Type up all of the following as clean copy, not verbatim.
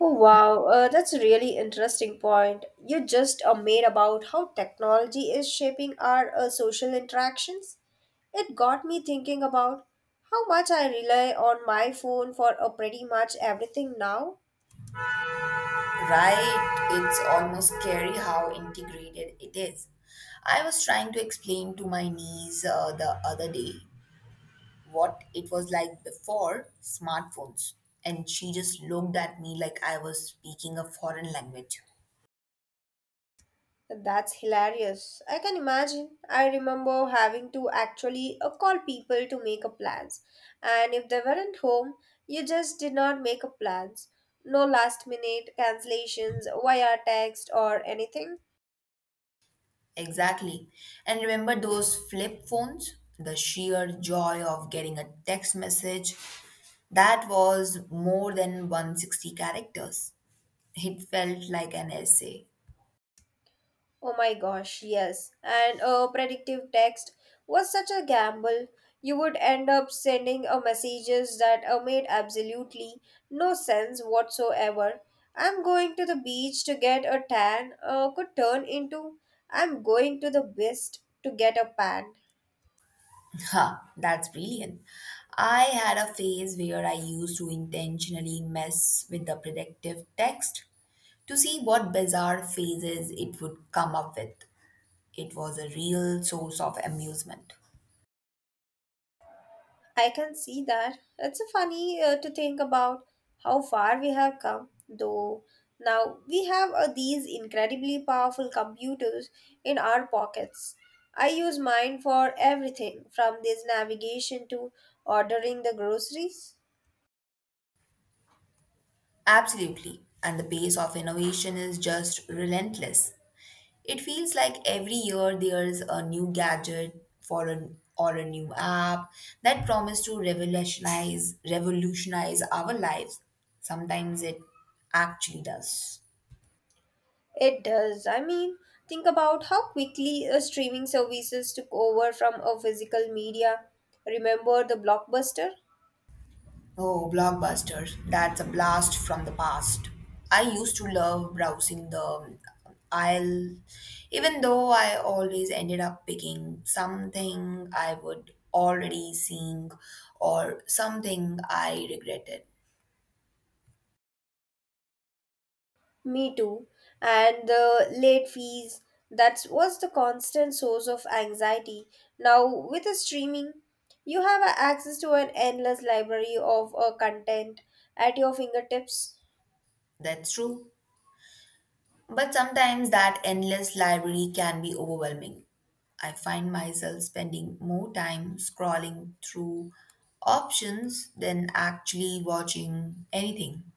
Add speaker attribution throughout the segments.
Speaker 1: Oh wow, that's a really interesting point. You just made about how technology is shaping our social interactions. It got me thinking about how much I rely on my phone for pretty much everything now.
Speaker 2: Right, it's almost scary how integrated it is. I was trying to explain to my niece the other day what it was like before smartphones, and she just looked at me like I was speaking a foreign language.
Speaker 1: That's hilarious. I can imagine. I remember having to actually call people to make up plans, and if they weren't home, you just did not make up plans. No last minute cancellations via text or anything.
Speaker 2: Exactly. And remember those flip phones? The sheer joy of getting a text message that was more than 160 characters. It felt like an essay.
Speaker 1: Oh my gosh, yes. And a predictive text was such a gamble. You would end up sending a messages that made absolutely no sense whatsoever. I'm going to the beach to get a tan could turn into I'm going to the beach to get a pan.
Speaker 2: Ha, that's brilliant. I had a phase where I used to intentionally mess with the predictive text to see what bizarre phrases it would come up with. It was a real source of amusement.
Speaker 1: I can see that. It's funny to think about how far we have come, though. Now we have these incredibly powerful computers in our pockets. I use mine for everything from this navigation to ordering the groceries.
Speaker 2: Absolutely. And the pace of innovation is just relentless. It feels like every year there's a new gadget for an or a new app that promise to revolutionize our lives. Sometimes it actually does.
Speaker 1: It does. I mean, think about how quickly streaming services took over from a physical media. Remember the blockbuster?
Speaker 2: Oh, blockbusters. That's a blast from the past. I used to love browsing the aisle, even though I always ended up picking something I would already seen or something I regretted.
Speaker 1: Me too. And the late fees, that was the constant source of anxiety. Now, with the streaming, you have access to an endless library of content at your fingertips.
Speaker 2: That's true. But sometimes that endless library can be overwhelming. I find myself spending more time scrolling through options than actually watching anything.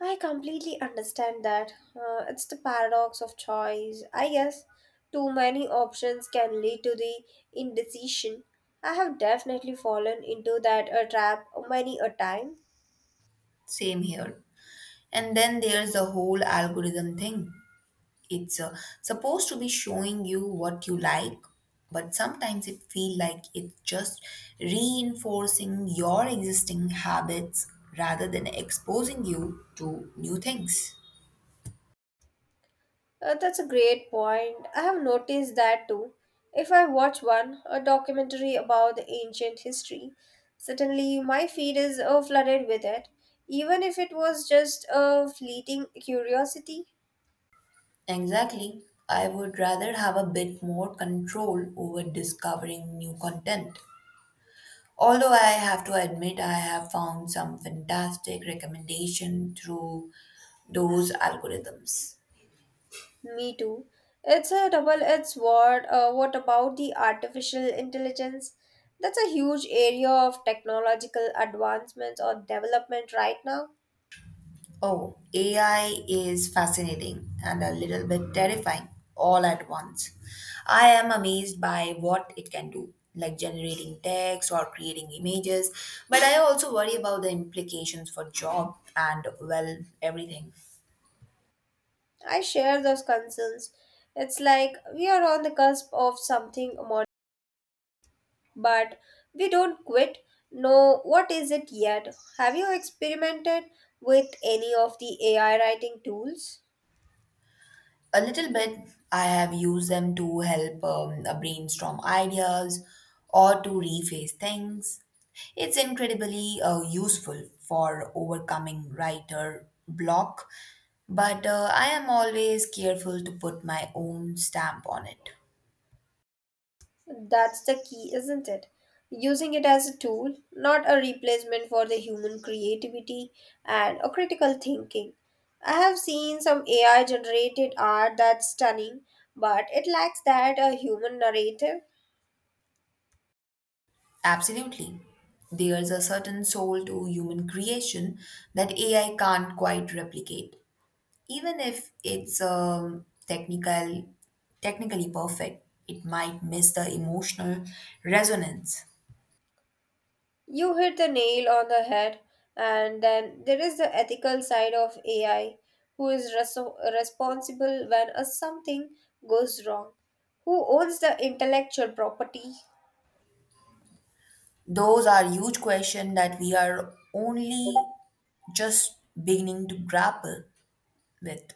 Speaker 1: I completely understand that. It's the paradox of choice. I guess too many options can lead to the indecision. I have definitely fallen into that trap many a time.
Speaker 2: Same here. And then there's the whole algorithm thing. It's supposed to be showing you what you like, but sometimes it feels like it's just reinforcing your existing habits rather than exposing you to new things.
Speaker 1: That's a great point. I have noticed that too. If I watch one, a documentary about the ancient history, suddenly my feed is flooded with it, even if it was just a fleeting curiosity.
Speaker 2: Exactly. I would rather have a bit more control over discovering new content. Although I have to admit, I have found some fantastic recommendation through those algorithms.
Speaker 1: Me too. It's a double-edged sword. What about the artificial intelligence? That's a huge area of technological advancements or development right now.
Speaker 2: Oh, AI is fascinating and a little bit terrifying all at once. I am amazed by what it can do, like generating text or creating images, but I also worry about the implications for job and, well, everything.
Speaker 1: I share those concerns. It's like we are on the cusp of something, but we don't quit. No, what is it yet. Have you experimented with any of the AI writing tools?
Speaker 2: A little bit. I have used them to help brainstorm ideas or to rephrase things. It's incredibly useful for overcoming writer block, but I am always careful to put my own stamp on it.
Speaker 1: That's the key, isn't it? Using it as a tool, not a replacement for the human creativity and a critical thinking. I have seen some AI generated art that's stunning, but it lacks that a human narrative.
Speaker 2: Absolutely. There's a certain soul to human creation that AI can't quite replicate. Even if it's technically perfect, it might miss the emotional resonance.
Speaker 1: You hit the nail on the head, and then there is the ethical side of AI, who is responsible when a something goes wrong? Who owns the intellectual property?
Speaker 2: Those are huge questions that we are only just beginning to grapple with.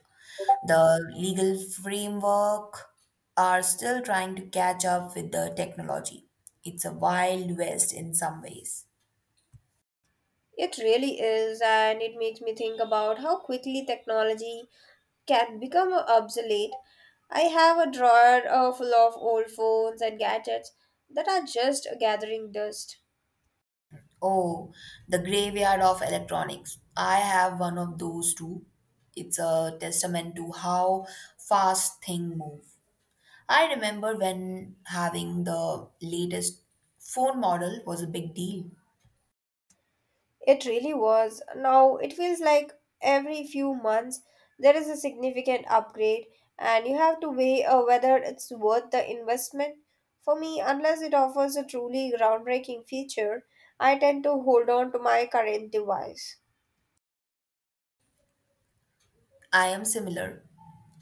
Speaker 2: The legal framework are still trying to catch up with the technology. It's a wild west in some ways.
Speaker 1: It really is, and it makes me think about how quickly technology can become obsolete. I have a drawer full of old phones and gadgets that are just gathering dust.
Speaker 2: Oh, the graveyard of electronics. I have one of those too. It's a testament to how fast things move. I remember when having the latest phone model was a big deal.
Speaker 1: It really was. Now it feels like every few months there is a significant upgrade, and you have to weigh whether it's worth the investment. For me, unless it offers a truly groundbreaking feature, I tend to hold on to my current device.
Speaker 2: I am similar.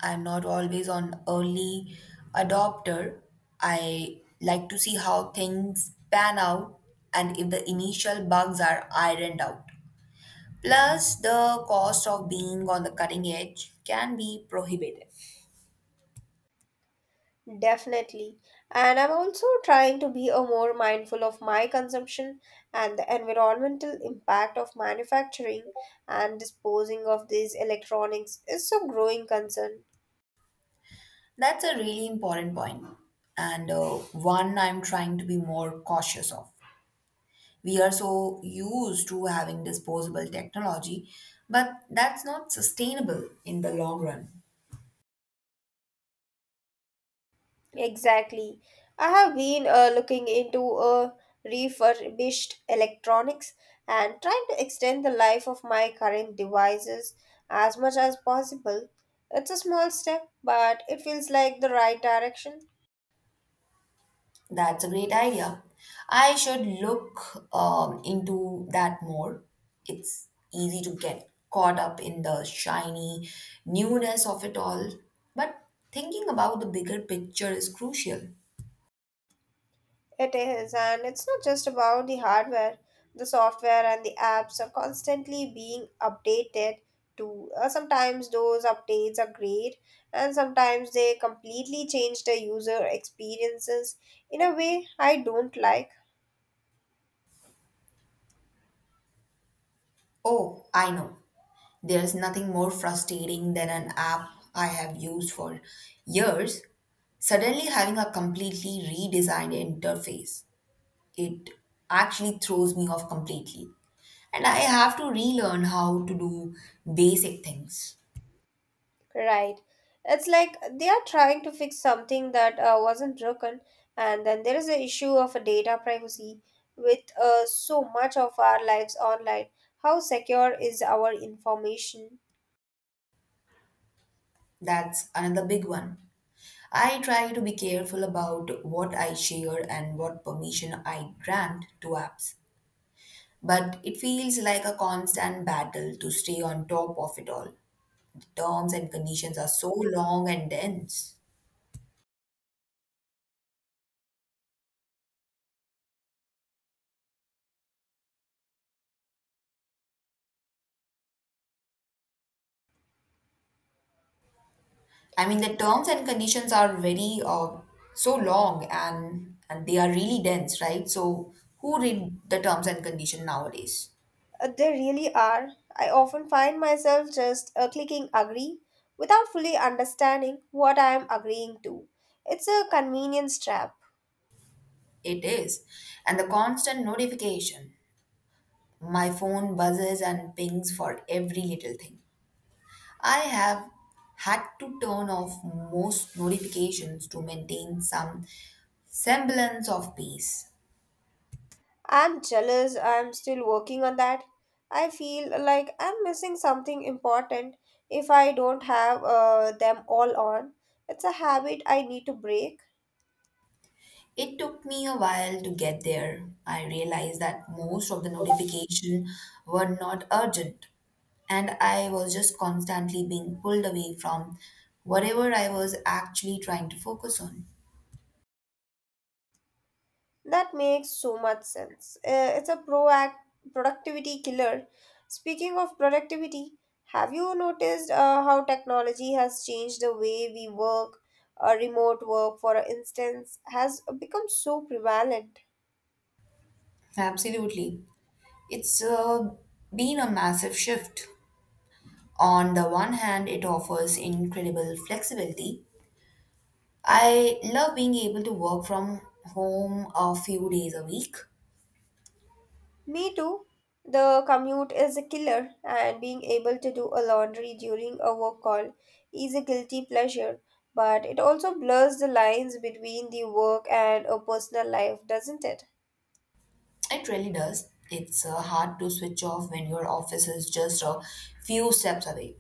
Speaker 2: I am not always on early adopter. I like to see how things pan out and if the initial bugs are ironed out. Plus, the cost of being on the cutting edge can be prohibitive.
Speaker 1: Definitely. And I'm also trying to be a more mindful of my consumption, and the environmental impact of manufacturing and disposing of these electronics is a growing concern.
Speaker 2: That's a really important point, and one I'm trying to be more cautious of. We are so used to having disposable technology, but that's not sustainable in the long run.
Speaker 1: Exactly. I have been looking into refurbished electronics and trying to extend the life of my current devices as much as possible. It's a small step, but it feels like the right direction.
Speaker 2: That's a great idea. I should look into that more. It's easy to get caught up in the shiny newness of it all, but thinking about the bigger picture is crucial.
Speaker 1: It is, and it's not just about the hardware. The software and the apps are constantly being updated too. Sometimes those updates are great, and sometimes they completely change the user experiences in a way I don't like.
Speaker 2: Oh, I know. There's nothing more frustrating than an app I have used for years suddenly having a completely redesigned interface. It actually throws me off completely. And I have to relearn how to do basic things.
Speaker 1: Right. It's like they are trying to fix something that wasn't broken, and then there is the issue of data privacy with so much of our lives online. How secure is our information?
Speaker 2: That's another big one. I try to be careful about what I share and what permission I grant to apps. But it feels like a constant battle to stay on top of it all. The terms and conditions are so long and dense. I mean, the terms and conditions are very so long and they are really dense, right? So who read the terms and condition nowadays?
Speaker 1: They really are. I often find myself just clicking agree without fully understanding what I am agreeing to. It's a convenience trap.
Speaker 2: It is, and the constant notification. My phone buzzes and pings for every little thing. I have had to turn off most notifications to maintain some semblance of peace.
Speaker 1: I'm jealous. I'm still working on that. I feel like I'm missing something important if I don't have them all on. It's a habit I need to break.
Speaker 2: It took me a while to get there. I realized that most of the notifications were not urgent, and I was just constantly being pulled away from whatever I was actually trying to focus on.
Speaker 1: That makes so much sense. It's a proact productivity killer. Speaking of productivity, have you noticed how technology has changed the way we work? Remote work, for instance, has become so prevalent.
Speaker 2: Absolutely. It's been a massive shift. On the one hand, it offers incredible flexibility. I love being able to work from home a few days a week.
Speaker 1: Me too. The commute is a killer, and being able to do a laundry during a work call is a guilty pleasure. But it also blurs the lines between the work and a personal life, doesn't it?
Speaker 2: It really does. It's hard to switch off when your office is just a few steps away.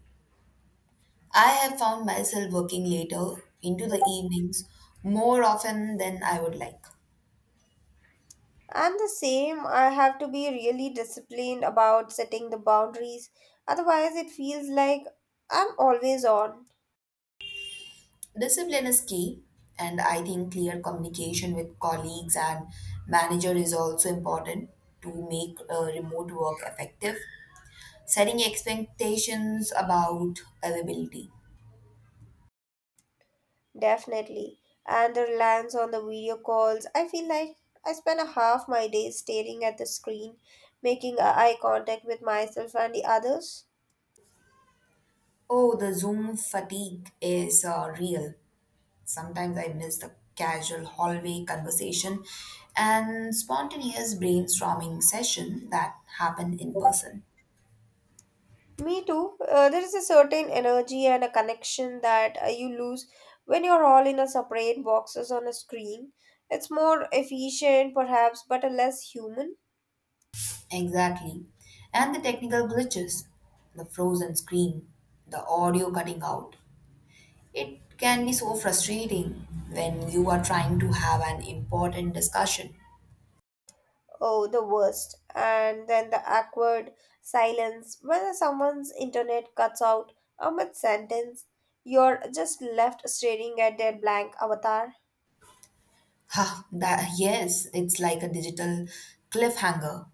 Speaker 2: I have found myself working later into the evenings more often than I would like.
Speaker 1: I'm the same. I have to be really disciplined about setting the boundaries. Otherwise, it feels like I'm always on,
Speaker 2: Discipline is key, and I think clear communication with colleagues and manager is also important to make remote work effective. Setting expectations about availability.
Speaker 1: definitely. And the reliance on the video calls, I feel like I spend a half my day staring at the screen, making eye contact with myself and the others.
Speaker 2: Oh, the Zoom fatigue is real. Sometimes I miss the casual hallway conversation and spontaneous brainstorming session that happen in person.
Speaker 1: Me too. There is a certain energy and a connection that you lose when you're all in a separate boxes on a screen. It's more efficient, perhaps, but a less human.
Speaker 2: Exactly. And the technical glitches, the frozen screen, the audio cutting out. It can be so frustrating when you are trying to have an important discussion.
Speaker 1: Oh, the worst. And then the awkward silence when someone's internet cuts out a mid sentence. You're just left staring at their blank avatar.
Speaker 2: Ha, that, yes, it's like a digital cliffhanger.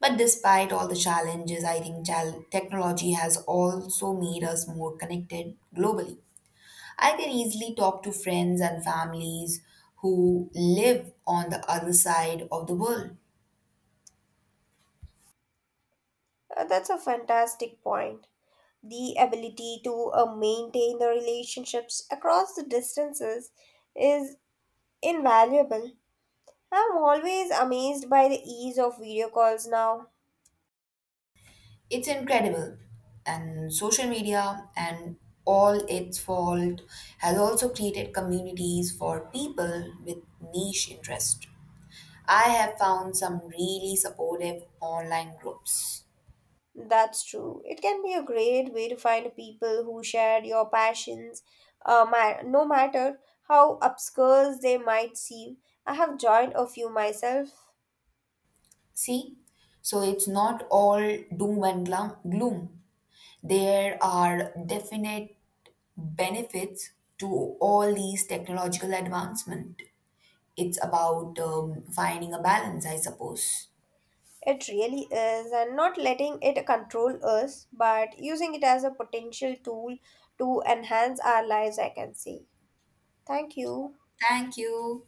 Speaker 2: But despite all the challenges, I think technology has also made us more connected globally. I can easily talk to friends and families who live on the other side of the world.
Speaker 1: That's a fantastic point. The ability to maintain the relationships across the distances is invaluable. I'm always amazed by the ease of video calls now.
Speaker 2: It's incredible. And social media and all its fault has also created communities for people with niche interest. I have found some really supportive online groups.
Speaker 1: That's true. It can be a great way to find people who share your passions, no matter how obscure they might seem. I have joined a few myself.
Speaker 2: See, so it's not all doom and gloom. There are definite benefits to all these technological advancement. It's about finding a balance, I suppose.
Speaker 1: It really is, and not letting it control us, but using it as a potential tool to enhance our lives, I can say. Thank you.
Speaker 2: Thank you.